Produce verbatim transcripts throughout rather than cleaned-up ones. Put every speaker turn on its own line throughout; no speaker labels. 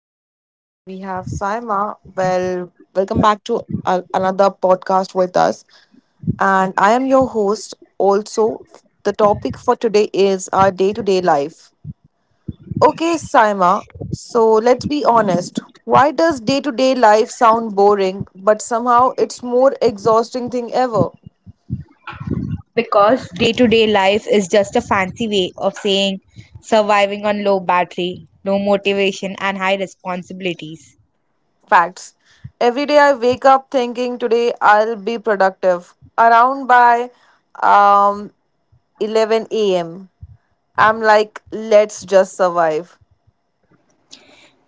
and today we have Saima. Well, welcome back to a- another podcast with us. And I am your host. Also, the topic for today is our day to day life. Okay, Saima. So, let's be honest. Why does day to day life sound boring, but somehow it's more exhausting thing ever?
because day to day life is just a fancy way of saying surviving on low battery, low motivation, and high responsibilities.
Facts. Every day I wake up thinking today I'll be productive. Around by um eleven a m. I'm like, let's just survive.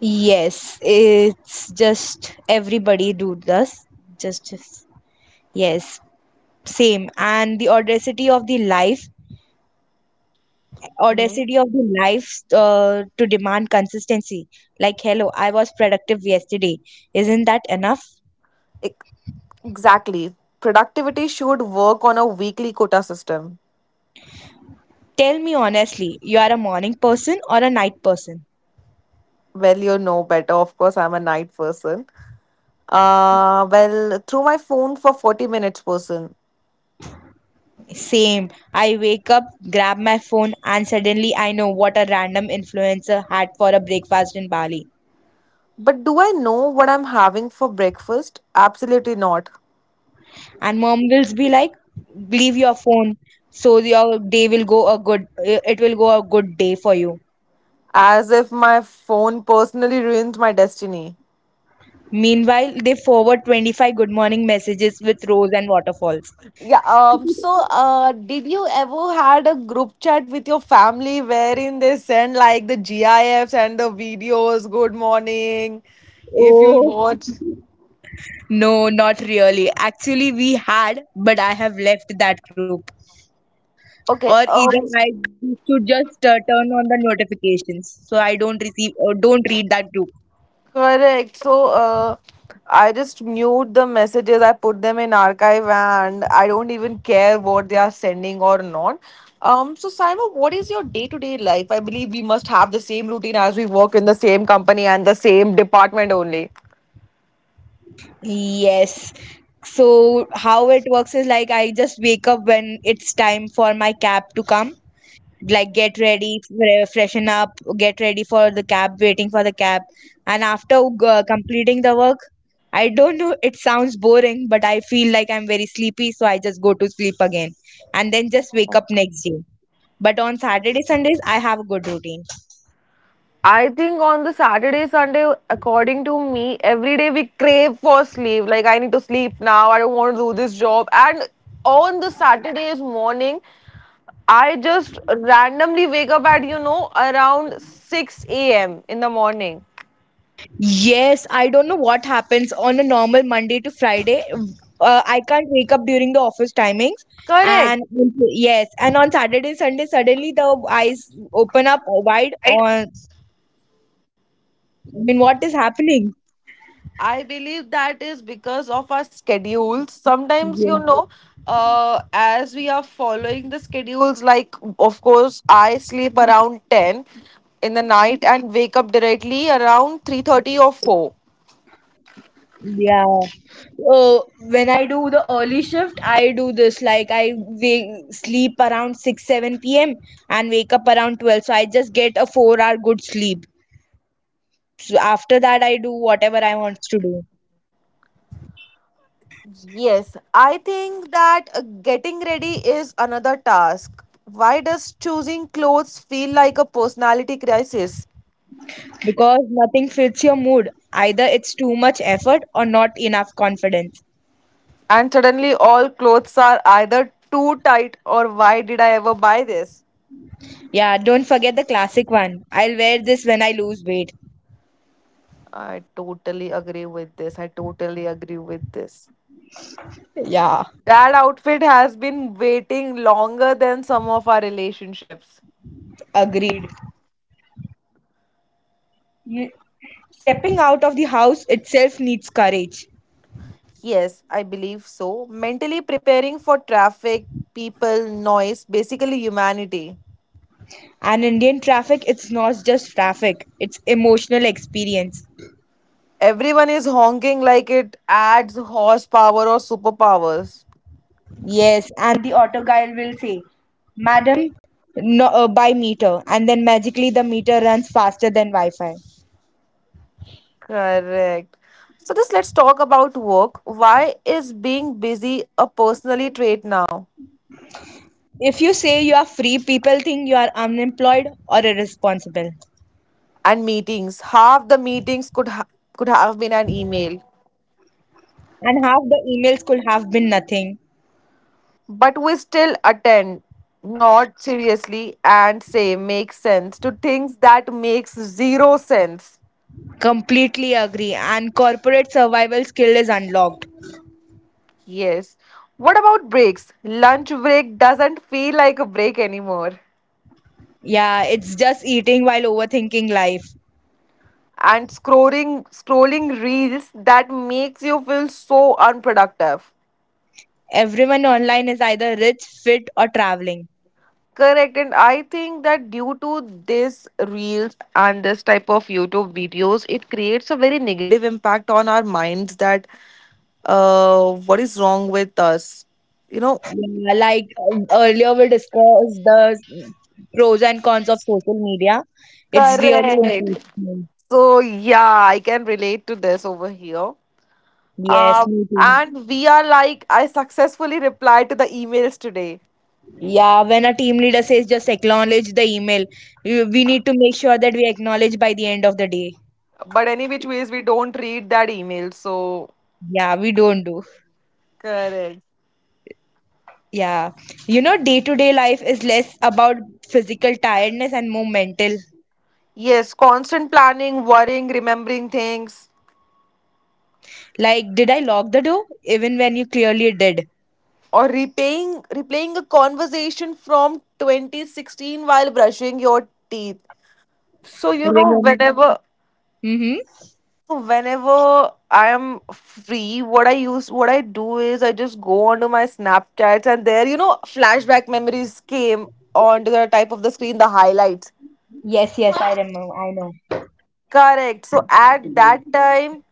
Yes, it's just everybody do this. Just, just yes, same. And the audacity of the life,
hmm
audacity of the life uh, to demand consistency. Like, hello, I was productive yesterday. Isn't that enough?
Ex- Exactly. Productivity should work on a weekly quota system.
Tell me honestly, you are a morning person or a night person?
Well, you know better. Of course, I'm a night person. Uh, well, through my phone for forty minutes person.
Same. I wake up, grab my phone, and suddenly I know what a random influencer had for a breakfast in Bali.
But do I know what I'm having for breakfast? Absolutely not.
And mom will be like, "Leave your phone, so your day will go a good. It will go a good day for you."
As if my phone personally ruins my destiny.
Meanwhile, they forward twenty-five good morning messages with rose and waterfalls.
Yeah, um, so uh, did you ever had a group chat with your family wherein they send like the GIFs and the videos, good morning, if you'll
Oh,
watch.
no, not really. Actually, we had, but I have left that group. Or
Okay,
even
um,
I used to just uh, turn on the notifications so I don't receive or don't read that group.
correct. So uh, I just mute the messages, I put them in archive, and I don't even care what they are sending or not. Um, so Simon, what is your day-to-day life? I believe we must have the same routine as we work in the same company and the same department only.
Yes. So how it works is like I just wake up when it's time for my cab to come, like get ready, fre- freshen up, get ready for the cab, waiting for the cab. And after uh, completing the work, I don't know, it sounds boring, but I feel like I'm very sleepy, so I just go to sleep again and then just wake up next day. But on Saturday, Sundays, I have a good routine.
I think on the Saturday, Sunday, according to me, every day we crave for sleep. Like, I need to sleep now. I don't want to do this job. And on the Saturdays morning, I just randomly wake up at, you know, around six a m in the morning.
Yes, I don't know what happens on a normal Monday to Friday. Uh, I can't wake up during the office timings,
Correct.
and yes, and on Saturday, Sunday, suddenly the eyes open up wide,
I,
on I mean, what is happening?
I believe that is because of our schedules. Sometimes, you
Yeah.
know, uh, as we are following the schedules, like, of course, I sleep around ten in the night and wake up directly around three thirty or four.
Yeah. Uh, when I do the early shift, I do this like I wake, sleep around six seven p m and wake up around twelve. So I just get a four hour good sleep. So after that, I do whatever I want to do
Yes, I think that uh, getting ready is another task. Why does choosing clothes feel like a personality crisis?
because nothing fits your mood. Either it's too much effort or not enough confidence.
And suddenly all clothes are either too tight, or why did I ever buy this?
Yeah, don't forget the classic one. I'll wear this when I lose weight.
I totally agree with this. I totally agree with this.
Yeah,
That outfit has been waiting longer than some of our relationships.
agreed. You, Stepping out of the house itself needs courage.
Yes, I believe so. Mentally preparing for traffic, people, noise, basically humanity.
And Indian traffic, it's not just traffic, it's emotional experience.
Everyone is honking like it adds horsepower or superpowers.
Yes, and the auto guy will say, "Madam, no, uh, buy meter." And then magically the meter runs faster than Wi Fi.
Correct. So just let's talk about work. Why is being busy a personally trait now?
If you say you are free, people think you are unemployed or irresponsible.
And meetings. Half the meetings could ha- could have been an email,
And half the emails could have been nothing.
but we still attend, not seriously, and say makes sense to things that makes zero sense.
Completely agree. And corporate survival skill is unlocked.
Yes. What about breaks? Lunch break doesn't feel like a break anymore.
Yeah, it's just eating while overthinking life.
And scrolling scrolling reels that makes you feel so unproductive.
Everyone online is either rich, fit, or traveling.
Correct, and I think that due to this reels and this type of YouTube videos, it creates a very negative impact on our minds that uh, what is wrong with us? You know,
Yeah, like um, earlier, we discussed the pros and cons of social media. It's really
correct.
important.
So, yeah, I can relate to this over here. Uh,
Yes, me too.
and we are like, I successfully replied to the emails today,
Yeah, when a team leader says just acknowledge the email, we, we need to make sure that we acknowledge by the end of the day.
but any which ways, we don't read that email, so
Yeah, we don't do.
correct.
Yeah. You know, day to day life is less about physical tiredness and more mental.
Yes, constant planning, worrying, remembering things,
Like, did I lock the door? Even when you clearly did.
or repaying replaying a conversation from twenty sixteen while brushing your teeth. So you know
Remember?
whenever
Mm-hmm.
so whenever I am free, what i use what I do is I just go onto my Snapchats, and there, you know flashback memories came onto the type of the screen, the highlights.
Yes, yes, I remember. I know
Correct. So at that time,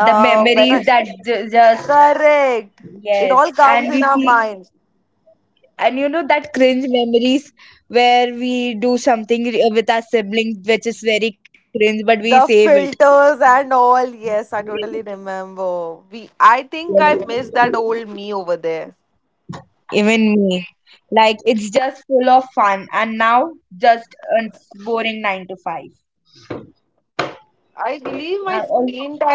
the
when I
memories that ju- just,
correct, it
yes,
all
and
comes in
we
our
see,
mind.
and you know that cringe memories where we do something re- with our siblings, which is very cringe, but we save
The
it.
filters and all, yes, I totally remember. We, I think I
Yes.
missed that old me over there.
Even me, like it's just full of fun, and now just a boring nine to five.
I believe my
I also
screen time.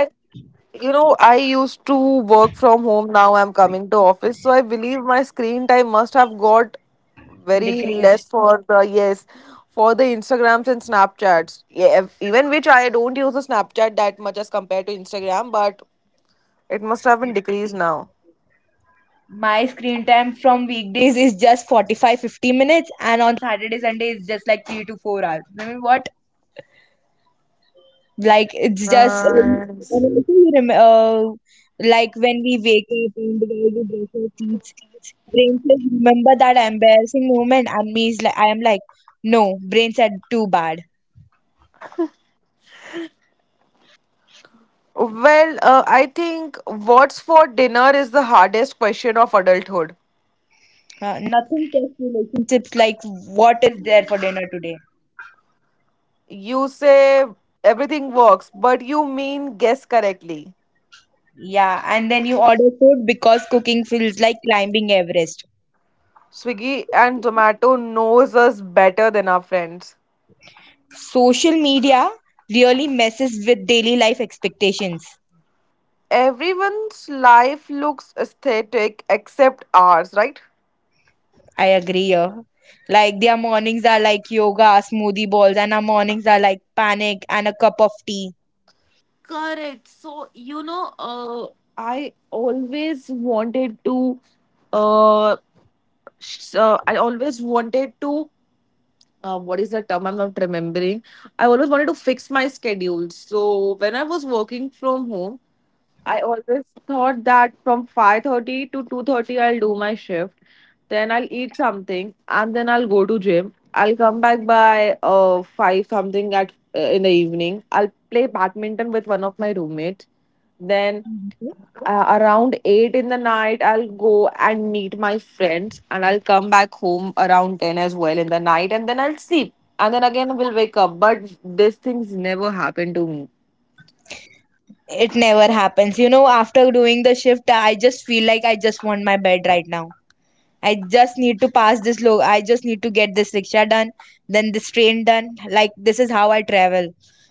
You know, I used to work from home. Now I'm coming to office, so I believe my screen time must have got very
decreased.
less for the, yes, for the Instagrams and Snapchats. Yeah, ev- even which I don't use the Snapchat that much as compared to Instagram, but it must have been decreased now.
My screen time from weekdays is just forty-five, fifty minutes, and on Saturday, Sunday, it's just like three to four hours. I mean, what? Like it's just um, and
Nice.
also you rem- uh, like when we wake up and the guy we brush our teeth, brain says remember that embarrassing moment, and me is like I am like no, brain said too bad.
Well, uh, I think what's for dinner is the hardest question of adulthood.
Uh, nothing test relationships like what is there for dinner today.
You say everything works, but you mean guess correctly.
Yeah, and then you order food because cooking feels like climbing Everest.
Swiggy and Zomato knows us better than our friends.
Social media really messes with daily life expectations.
Everyone's life looks aesthetic except ours, right?
I agree here. Like their mornings are like yoga, smoothie balls, and our mornings are like panic and a cup of tea.
Correct. So, you know, uh, I always wanted to, uh, sh- uh, I always wanted to, uh, what is the term I'm not remembering. I always wanted to fix my schedule. So when I was working from home, I always thought that from five thirty to two thirty I'll do my shift. Then I'll eat something and then I'll go to gym. I'll come back by uh, five something at, uh, in the evening. I'll play badminton with one of my roommates. Then uh, around eight in the night, I'll go and meet my friends, and I'll come back home around ten as well in the night, and then I'll sleep, and then again we'll wake up, but these things never happen to me.
It never happens. You know, after doing the shift, I just feel like I just want my bed right now. I just need to pass this low. I just need to get this rickshaw done, then this train done. Like this is how I travel.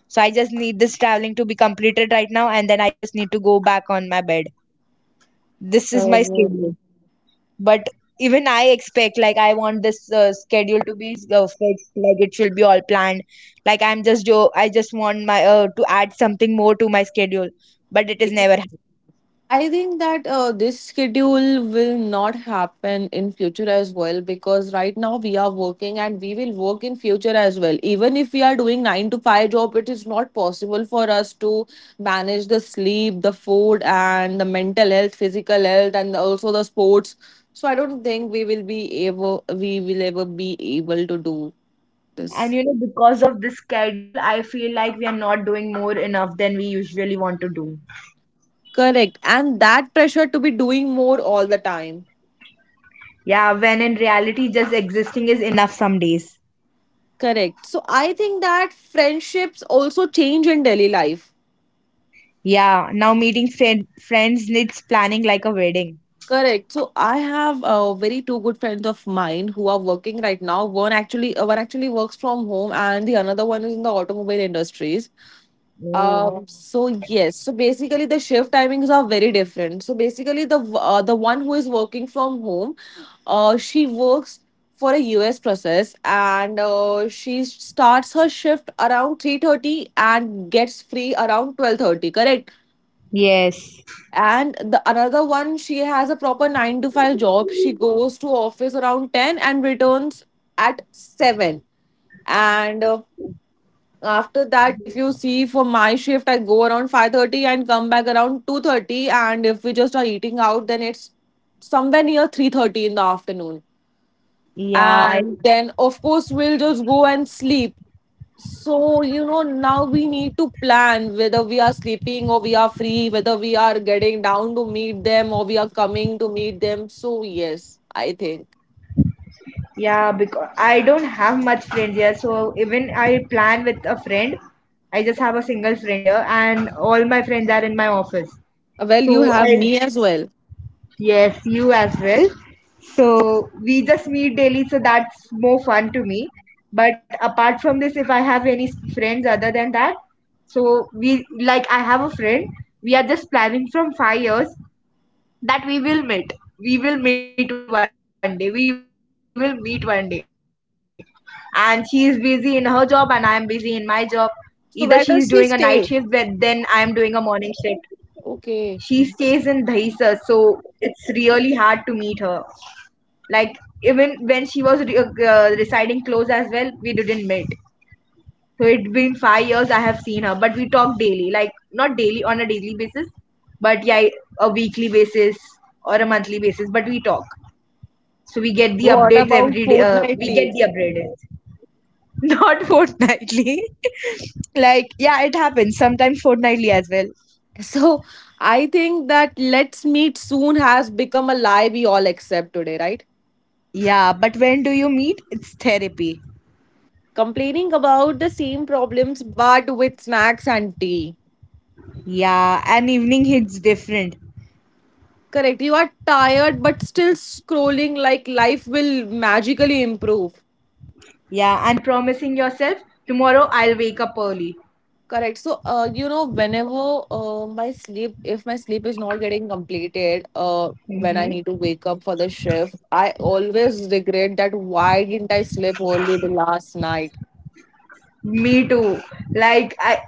So I just need this traveling to be completed right now, and then I just need to go back on my bed. This is my schedule.
So
But even I expect, like, I want this uh, schedule to be uh, fixed, like, it should be all planned. Like, I'm just, jo- I just want my, uh, to add something more to my schedule, but it is never happening.
I think that uh, this schedule will not happen in future as well, because right now we are working and we will work in future as well. Even if we are doing nine to five job, it is not possible for us to manage the sleep, the food, and the mental health, physical health, and also the sports. So I don't think we will be able we will ever be able to do
And
this.
you know, because of this schedule, I feel like we are not doing more enough than we usually want to do.
Correct. And that pressure to be doing more all the time.
Yeah, when in reality, just existing is enough some days.
Correct. So I think that friendships also change in daily life.
Yeah, now meeting friend friends needs planning like a wedding.
Correct. So I have, uh, very two good friends of mine who are working right now. One actually, uh, one actually works from home, and the another one is in the automobile industries.
Oh,
Um, so yes, so basically the shift timings are very different. So basically the, w- uh, the one who is working from home, uh, she works for a U S process, and uh, she starts her shift around three thirty and gets free around twelve thirty, correct?
yes.
And the another one, she has a proper nine to five job. She goes to office around ten and returns at seven. And uh, after that, if you see for my shift, I go around five thirty and come back around two thirty. And if we just are eating out, then it's somewhere near three thirty in the afternoon.
Yeah, I
And then, of course, we'll just go and sleep. So, you know, now we need to plan whether we are sleeping or we are free, whether we are getting down to meet them or we are coming to meet them. So, yes, I think.
Yeah, because I don't have much friends here. So even I plan with a friend, I just have a single friend here, and all my friends are in my office.
Well,
So
you have
I,
me as well.
yes, you as well. So we just meet daily, so that's more fun to me. But apart from this, if I have any s- friends other than that, so we like I have a friend. We are just planning from five years, that we will meet we will meet one day. We will meet one day and she is busy in her job, and I am busy in my job. Either she is doing a night shift, but then I am
So, where
doing a
does she
morning shift.
stay?
She stays in Dahisar, so
Okay.
it's really hard to meet her. Like, even when she was re- uh, residing close as well, we didn't meet. So it's been five years I have seen her, but we talk daily, like not daily on a daily basis, but yeah, a weekly basis or a monthly basis, but we talk. So we get the updates every day.
What
Uh, we
about
get the updates,
fortnightly?
not fortnightly. Like, yeah, it happens. Sometimes fortnightly as well.
So I think that let's meet soon has become a lie we all accept today, right?
Yeah, but when do you meet? It's therapy.
Complaining about the same problems but with snacks and tea.
Yeah, an evening hits different.
Correct. You are tired but still scrolling like life will magically improve.
Yeah, and promising yourself, tomorrow I'll wake up early.
Correct. So, uh, you know, whenever uh, my sleep, if my sleep is not getting completed, uh, when I
Mm-hmm.
need to wake up for the shift, I always regret that why didn't I sleep only the last night?
Me too. Like I,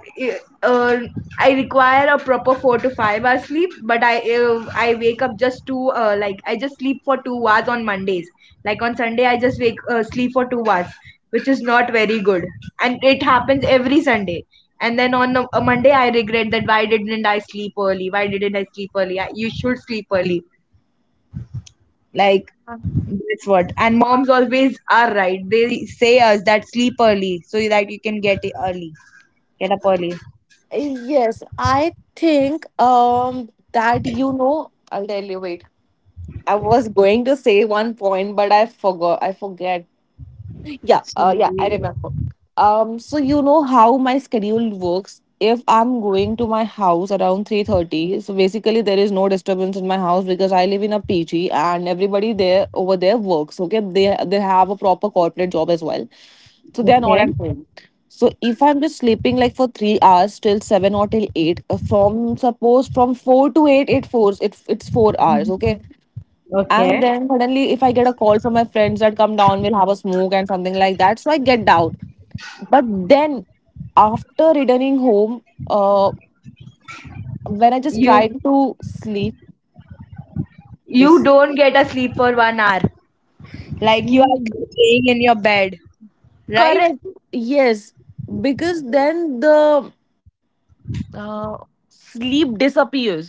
uh, I require a proper four to five hours sleep, but I uh, I wake up just two. Uh, like I just sleep for two hours on Mondays. Like on Sunday, I just wake uh, sleep for two hours, which is not very good. And it happens every Sunday. And then on a, a Monday, I regret that why didn't I sleep early? Why didn't I sleep early? I, you should sleep early. Like that's what. And moms always are right. They say us that sleep early so that you can get it early. Get up early.
Yes, I think, um that you know, I'll tell you, wait. I was going to say one point, but I forgot I forget. Yeah, uh
See,
yeah, I remember. Um so you know how my schedule works. If I'm going to my house around three thirty, so basically there is no disturbance in my house, because I live in a P G and everybody there over there works, okay? They they have a proper corporate job as well. So they are not
okay.
at home. So if I'm just sleeping like for three hours till seven or till eight, uh, from suppose from four to eight, it fours it it's four hours, okay. And
Okay.
then suddenly, if I get a call from my friends that come down, we'll have a smoke and something like that. So I get down. But then after returning home, uh, when I just
you
tried to sleep,
you
this
don't get a sleep for one hour. Like you are
Mm,
laying in your bed, right?
correct, yes, because then the uh, sleep disappears.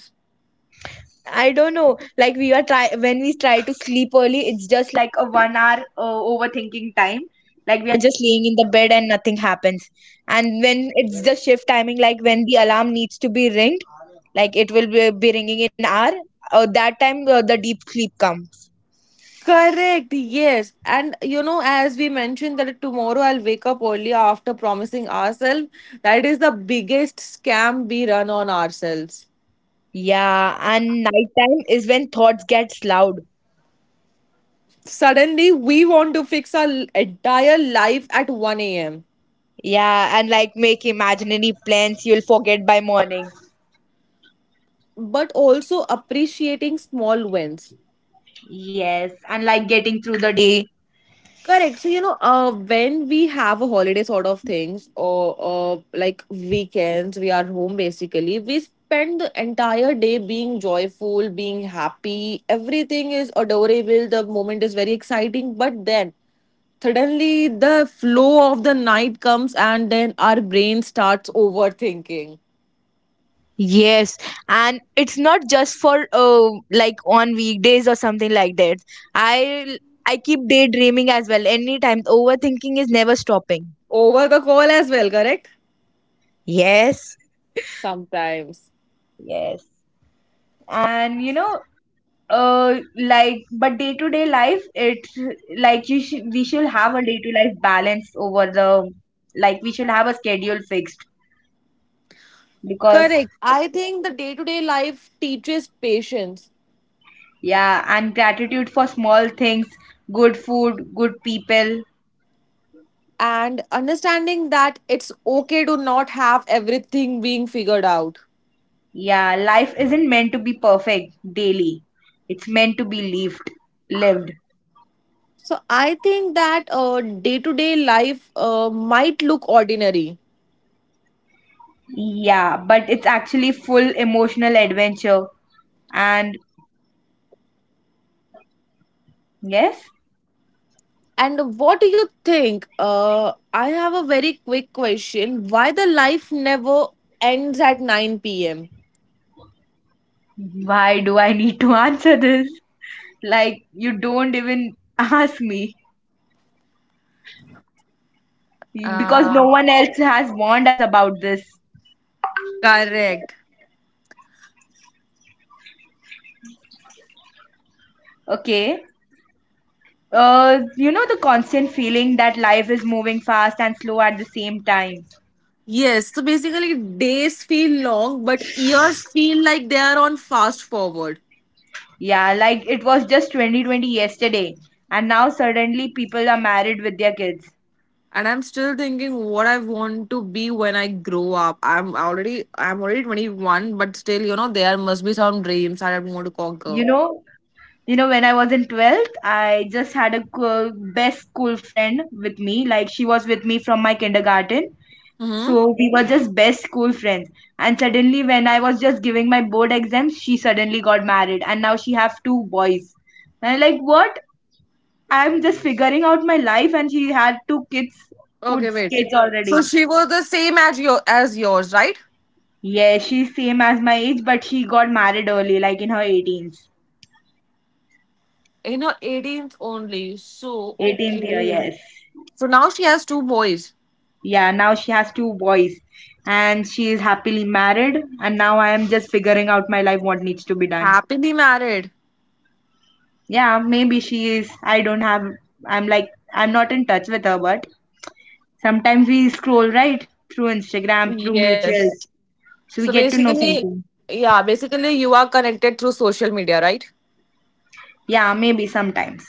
I don't know. Like we are try when we try to sleep early, it's just like a one hour uh, overthinking time. Like we are just laying in the bed and nothing happens. And when it's the shift timing, like when the alarm needs to be ringed, like it will be, be ringing in an hour. Uh, that time uh, the deep sleep comes.
Correct, yes. And you know, as we mentioned, that tomorrow I'll wake up early after promising ourselves. That is the biggest scam we run on ourselves.
Yeah, and nighttime is when thoughts gets loud.
Suddenly, we want to fix our l- entire life at one a m,
Yeah, and like make imaginary plans you'll forget by morning.
but also appreciating small wins.
Yes, and like getting through the day.
Correct. So, you know, uh, when we have a holiday sort of things, or, or like weekends, we are home basically, we spend the entire day being joyful, being happy. Everything is adorable. The moment is very exciting. But then suddenly the flow of the night comes, and then our brain starts overthinking.
Yes, and it's not just for uh, like on weekdays or something like that. I I keep daydreaming as well. Anytime overthinking is never stopping.
Over the call as well, correct?
Yes.
Sometimes.
Yes. And you know, uh like, but day to day life, it's like you should we should have a day to life balance over the like we should have a schedule fixed, because
Correct. I think the day to day life teaches patience.
yeah, and gratitude for small things, good food, good people.
And understanding that it's okay to not have everything being figured out.
Yeah, life isn't meant to be perfect daily, it's meant to be lived lived
So I think that day to day life uh, might look ordinary.
Yeah, but it's actually full emotional adventure. And yes,
And what do you think? Uh, I have a very quick question. Why the life never ends at nine p m?
why do I need to answer this? Like, you don't even ask me, because no
Ah,
one else has warned us about this.
correct.
Okay. Uh, you know, the constant feeling that life is moving fast and slow at the same time.
Yes, so basically days feel long, but years feel like they are on fast forward.
Yeah, like it was just twenty twenty yesterday, and now suddenly people are married with their kids.
And I'm still thinking what I want to be when I grow up. I'm already i'm already twenty-one, but still, you know there must be some dreams that I want to
You
conquer.
know, you know, when I was in twelfth, I just had a co- best school friend with me. Like, she was with me from my kindergarten.
Mm-hmm.
So we were just best school friends. And suddenly, when I was just giving my board exams, she suddenly got married, and now she have two boys. And I'm like, what? I'm just figuring out my life, and she had two kids, good
Okay, wait.
kids
So
already.
she was the same as your as yours, right?
Yeah, she's same as my age, but she got married early, like in her eighteenth
In her eighteenth only, so
eighteenth year.
okay.
Yes.
So now she has two boys.
Yeah. Now she has two boys, and she is happily married. And now I am just figuring out my life, what needs to be done.
Happily married.
Yeah, maybe she is. I don't have, I'm like, I'm not in touch with her, but sometimes we scroll right through Instagram, through
Yes.
mutuals. So we
So
get to know
basically,
something.
yeah, basically you are connected through social media, right?
Yeah, maybe sometimes.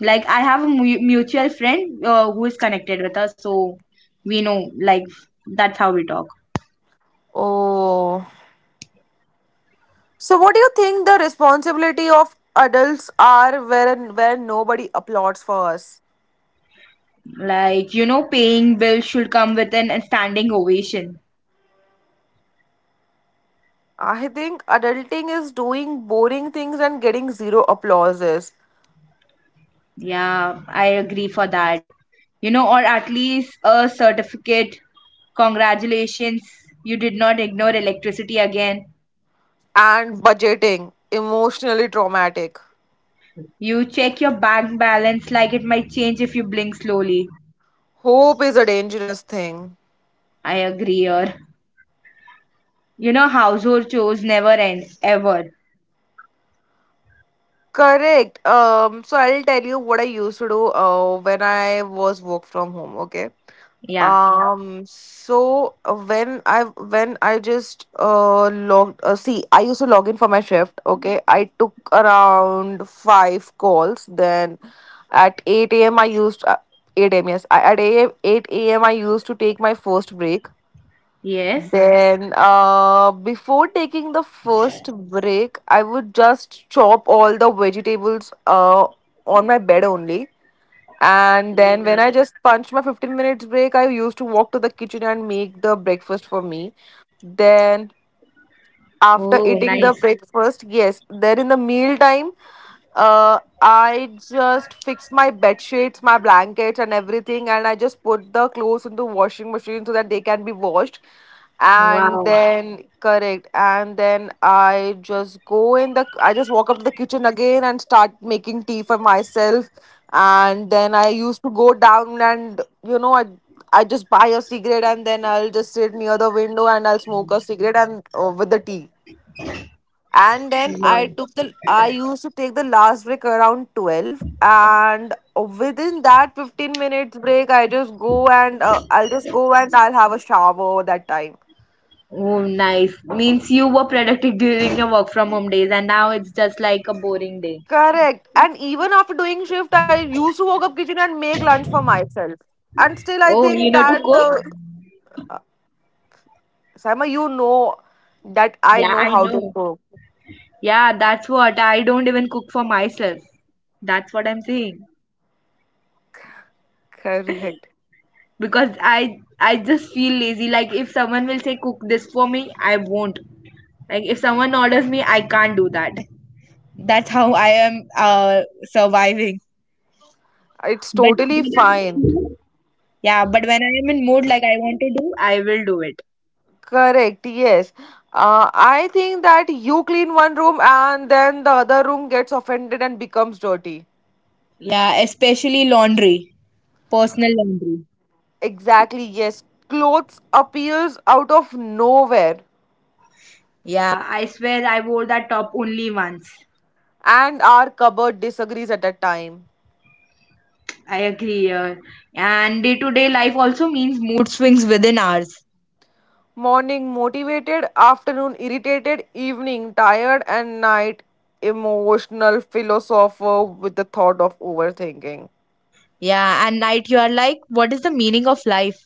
Like, I have a mu- mutual friend uh, who is connected with her, so we know, like, that's how we talk.
Oh. So, what do you think the responsibility of adults are where where nobody applauds for us?
Like, you know, paying bills should come with an standing ovation.
I think adulting is doing boring things and getting zero applauses.
Yeah, I agree for that. You know, or at least a certificate. Congratulations, you did not ignore electricity again.
And budgeting, emotionally traumatic.
You check your bank balance like it might change if you blink slowly.
Hope is a dangerous thing.
I agree here. You know, household chores never end, ever.
Correct. Um, so I'll tell you what I used to do uh, when I was work from home. Okay.
Yeah.
Yeah. Um, so uh, when I when I just uh logged uh, See, I used to log in for my shift. Okay, I took around five calls. Then at eight a m. I used uh, eight a m. Yes, I, at a m eight a m. I used to take my first break.
Yes.
Then, uh, before taking the first break, I would just chop all the vegetables uh, on my bed only. And then, when
Yeah.
I just punch my fifteen minutes break, I used to walk to the kitchen and make the breakfast for me. Then, after
Oh,
eating the
nice.
breakfast, yes, then in the meal time, uh, I just fix my bed sheets, my blankets, and everything, and I just put the clothes into washing machine so that they can be washed. And
Wow.
then, correct, and then i just go in the I just walk up to the kitchen again and start making tea for myself. And then I used to go down, and you know i i just buy a cigarette, and then I'll just sit near the window and I'll smoke a cigarette and, uh, with the tea. And then i
Wow.
took the I used to take the last break around twelve, and within that fifteen minutes break, i just go and uh, I'll just go and I'll have a shower that time.
Oh, nice. Means you were productive during your work from home days and now it's just like a boring day.
Correct. And even after doing shift, I used to walk up kitchen and make lunch for myself. And still I
Oh,
think
you know to
that the...
cook?
Sama, you know that I
Yeah,
know
I
how to
know.
cook.
Yeah, that's what I don't even cook for myself. That's what I'm saying.
Correct,
Because I I just feel lazy. Like if someone will say cook this for me, I won't. Like if someone orders me, I can't do that. That's how I am uh surviving.
it's
But
totally fine.
yeah, but when I am in mood like I want to do, I will do it.
Correct, yes. Uh, I think that you clean one room and then the other room gets offended and becomes dirty.
Yeah, especially laundry, personal laundry.
Exactly, yes. Clothes appears out of nowhere
Yeah, I swear I wore that top only once.
and our cupboard disagrees at a time.
I agree. Yeah. And day to day life also means mood swings within hours.
Morning motivated, afternoon irritated, evening tired, and night emotional philosopher with the thought of overthinking.
Yeah. And night you are like, what is the meaning of life?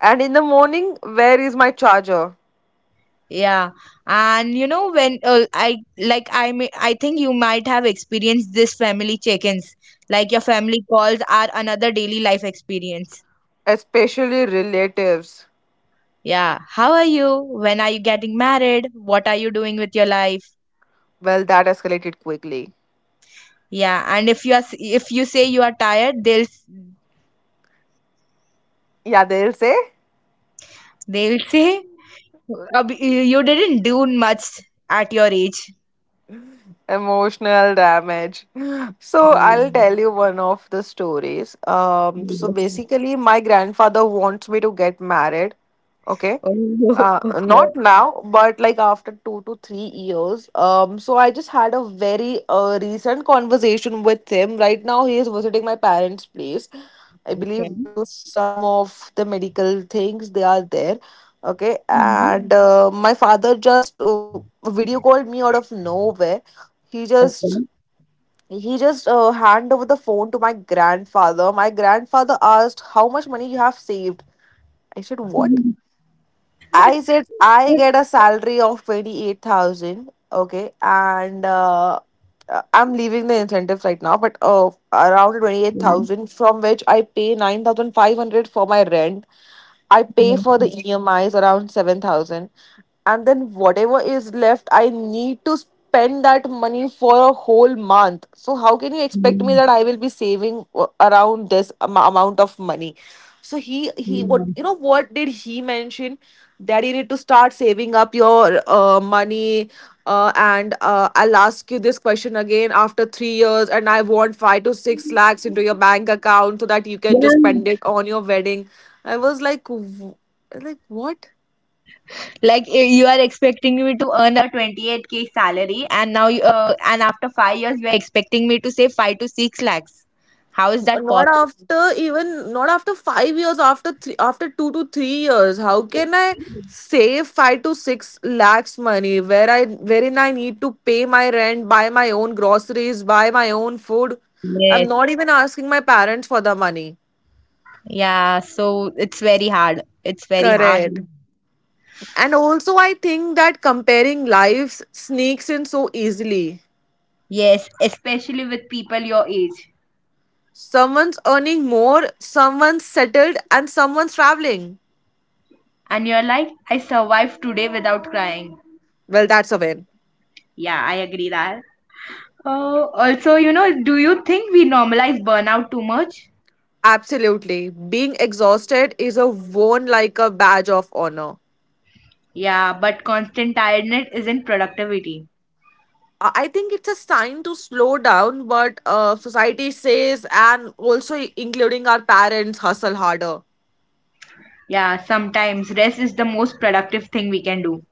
And in the morning, where is my charger?
Yeah. And you know, when uh, I like, I may, I think you might have experienced this family check ins. Like your family calls are another daily life experience.
Especially relatives.
Yeah. How are you? When are you getting married? What are you doing with your life?
Well, that escalated quickly.
Yeah. And if you are, s- if you say you are tired, they'll, s-
Yeah, they'll say.
they'll say. Uh, b- you didn't do much at your age.
Emotional damage. So I'll
Mm,
tell you one of the stories. Um so
yes.
basically, my grandfather wants me to get married. Okay.
Oh,
uh
okay.
not now, but like after two to three years. Um so I just had a very uh, recent conversation with him. Right now he is visiting my parents place. I
Okay.
believe due to some of the medical things they are there. Okay.
Mhm.
And uh, my father just uh, video called me out of nowhere. he just
Okay.
he just uh, hand over the phone to my grandfather. My grandfather asked, how much money you have saved? I said, what?
Mhm.
I said I get a salary of twenty-eight thousand. Okay. And uh, uh, I'm leaving the incentives right now, but uh, around
Mhm.
twenty-eight thousand, from which I pay nine thousand five hundred for my rent. I
Yes.
pay for the E M Is around seven thousand, and then whatever is left I need to spend that money for a whole month. So how can you expect
Mm,
me that I will be saving uh, around this am- amount of money? So he he, what
mm.
you know what did he mention? That you need to start saving up your uh, money. Uh, and uh, I'll ask you this question again after three years, and I want five to six lakhs into your bank account so that you can just
Yeah.
spend it on your wedding. I was like, w- like what?
Like i- you are expecting me to earn a twenty-eight k salary, and now you- uh, and after five years you are expecting me to save five to six lakhs. How is that
Not
possible?
after, even not after five years, after three, after two to three years. How can I save five to six lakhs money where I wherein I need to pay my rent, buy my own groceries, buy my own food? I'm
Yes.
not even asking my parents for the money.
Yeah. So it's very hard. It's very hard.
Correct. And also, I think that comparing lives sneaks in so easily.
Yes, especially with people your age.
Someone's earning more, someone's settled, and someone's traveling.
And you're like, I survived today without crying.
Well, that's a win.
Yeah, I agree that. Uh, also, you know, do you think we normalize burnout too much?
Absolutely. Being exhausted is a worn like a badge of honor.
Yeah, but constant tiredness isn't productivity.
I I think it's a sign to slow down, but uh, society says, and also including our parents, hustle harder.
Yeah, sometimes rest is the most productive thing we can do.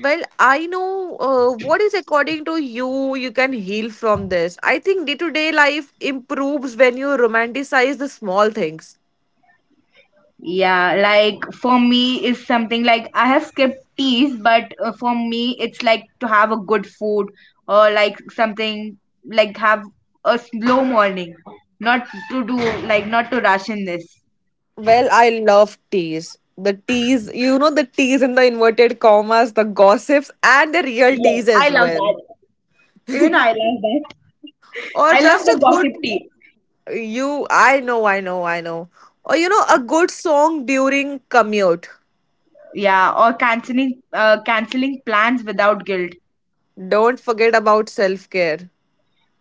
Well, I know uh, what is, according to you, you can heal from this. I think day to day life improves when you romanticize the small things.
Yeah, like for me is something like I have skipped teas, but uh, for me it's like to have a good food or like something like have a slow morning, not to do like not to rush in this.
Well, I love teas. The teas, you know, the teas in the inverted commas, the gossips, and the real
Yeah,
teas
I
as
love
well.
that. Even I love that.
Or
I love
just
the
a good,
gossip tea.
you, I know, I know, I know. Or, you know, a good song during commute.
Yeah, or canceling uh, canceling plans without guilt.
Don't forget about self care.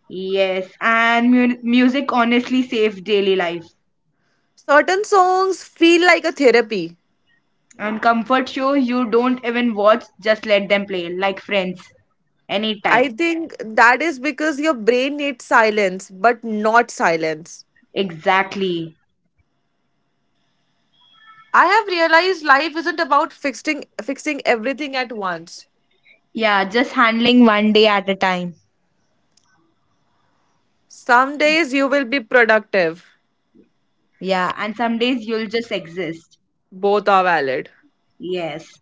Yes, and mu- music honestly saves daily life.
Certain songs feel like a therapy.
And comfort show you don't even watch, just let them play like friends anytime.
I think that is because your brain needs silence, but not silence.
Exactly.
I have realized life isn't about fixing fixing everything at once.
Yeah, just handling one day at a time.
Some days you will be productive.
Yeah, and some days you'll just exist.
Both are valid.
Yes.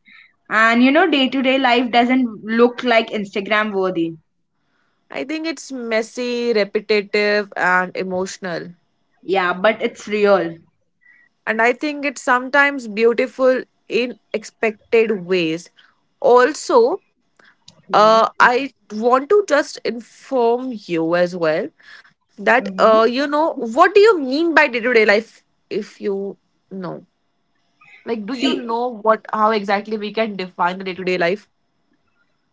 And you know, day to day life doesn't look like Instagram worthy.
I think it's messy, repetitive, and emotional.
Yeah, but it's real.
And I think it's sometimes beautiful in expected ways. Also, uh,
Yeah.
I want to just inform you as well that,
Mm-hmm.
uh, you know, what do you mean by day to day life if you know? Like, do you
See,
know what, how exactly we can define the day to day life?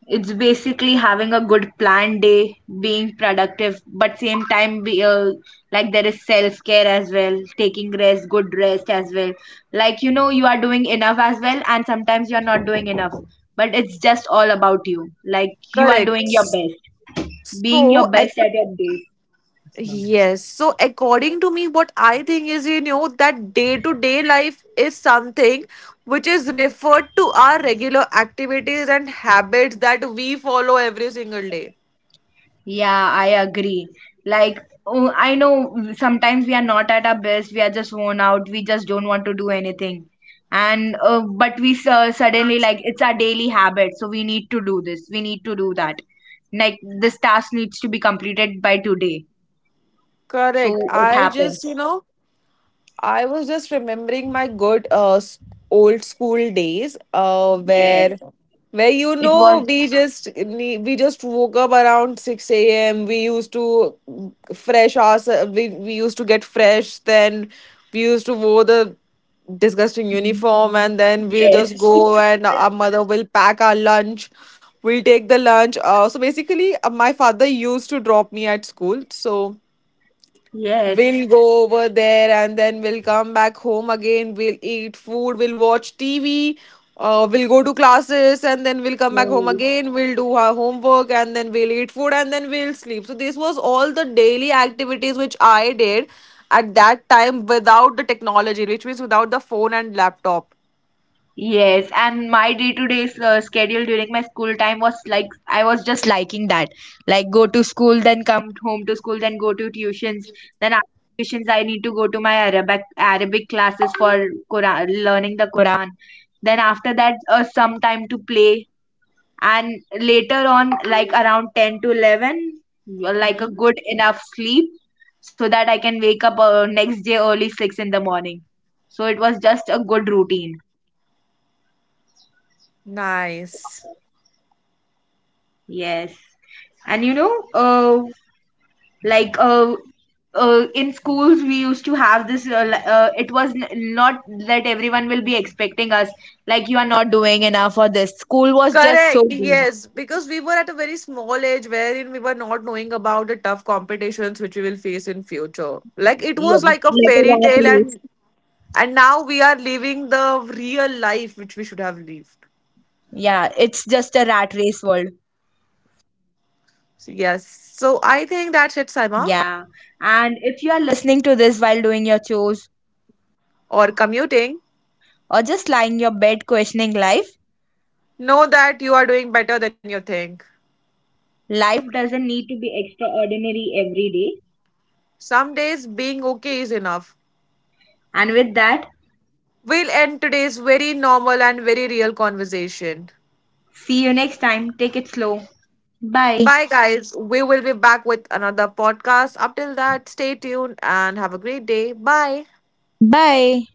it's basically having a good planned day, being productive, but same time be uh, like there is self care as well, taking rest, good rest as well. Like you know, you are doing enough as well, and sometimes you are not doing enough. But it's just all about you. Like you are doing your
Correct.
best, being
So,
your best at your day.
yes. So, according to me, what I think is, you know, that day to day life is something which is referred to our regular activities and habits that we follow every single day.
Yeah, I agree. Like, oh, I know sometimes we are not at our best. We are just worn out. We just don't want to do anything. And uh, but we su- suddenly like it's our daily habit. So we need to do this. We need to do that. Like this task needs to be completed by today. So
Correct.
it
I
happens.
just, you know, I was just remembering my good uh, s- old school days uh,
Yes.
where where you
It
know
was.
we just nee- we just woke up around six a m. We used to mm, fresh us we, we used to get fresh, then we used to wear the disgusting uniform, and then we'll just
Yes.
go, and our mother will pack our lunch. We'll take the lunch. Uh, so basically, uh, my father used to drop me at school, so
Yes.
we'll go over there, and then we'll come back home again. We'll eat food, we'll watch T V, uh, we'll go to classes, and then we'll come back home
Yeah.
again. We'll do our homework, and then we'll eat food, and then we'll sleep. So, this was all the daily activities which I did at that time without the technology, which means without the phone and laptop.
Yes, and my day-to-day s- uh, schedule during my school time was like I was just liking that. Like go to school, then come home to school, then go to tuitions. Then after tuitions, I need to go to my Arabic Arabic classes for Quran, learning the Quran. Then after that, uh, some time to play, and later on, like around ten to eleven, uh, like a
Mhm.
good enough sleep so that I can wake up uh, next day early six in the morning. So it was just a good routine.
Nice.
Yes. And you know uh, like uh, uh, in schools we used to have this uh, li- uh, it was n- not that everyone will be expecting us, like, you are not doing enough for this. School was just so
Correct,
good.
yes, because we were at a very small age wherein we were not knowing about the tough competitions which we will face in future. Like it was
Yeah,
like a
like a
fairy
rat
tale,
race.
and and now we are living the real life which we should have lived.
Yeah, it's just a rat race world.
So yes. So I think that's it, Saima.
Yeah. And if you are listening to this while doing your chores
Or commuting.
or just lying your bed questioning life,
Know that you are doing better than you think.
life doesn't need to be extraordinary every day.
Some days being okay is enough.
And with that,
We'll end today's very normal and very real conversation.
see you next time. Take it slow. Bye.
Bye, guys. We will be back with another podcast. Up till that, stay tuned and have a great day. Bye.
Bye.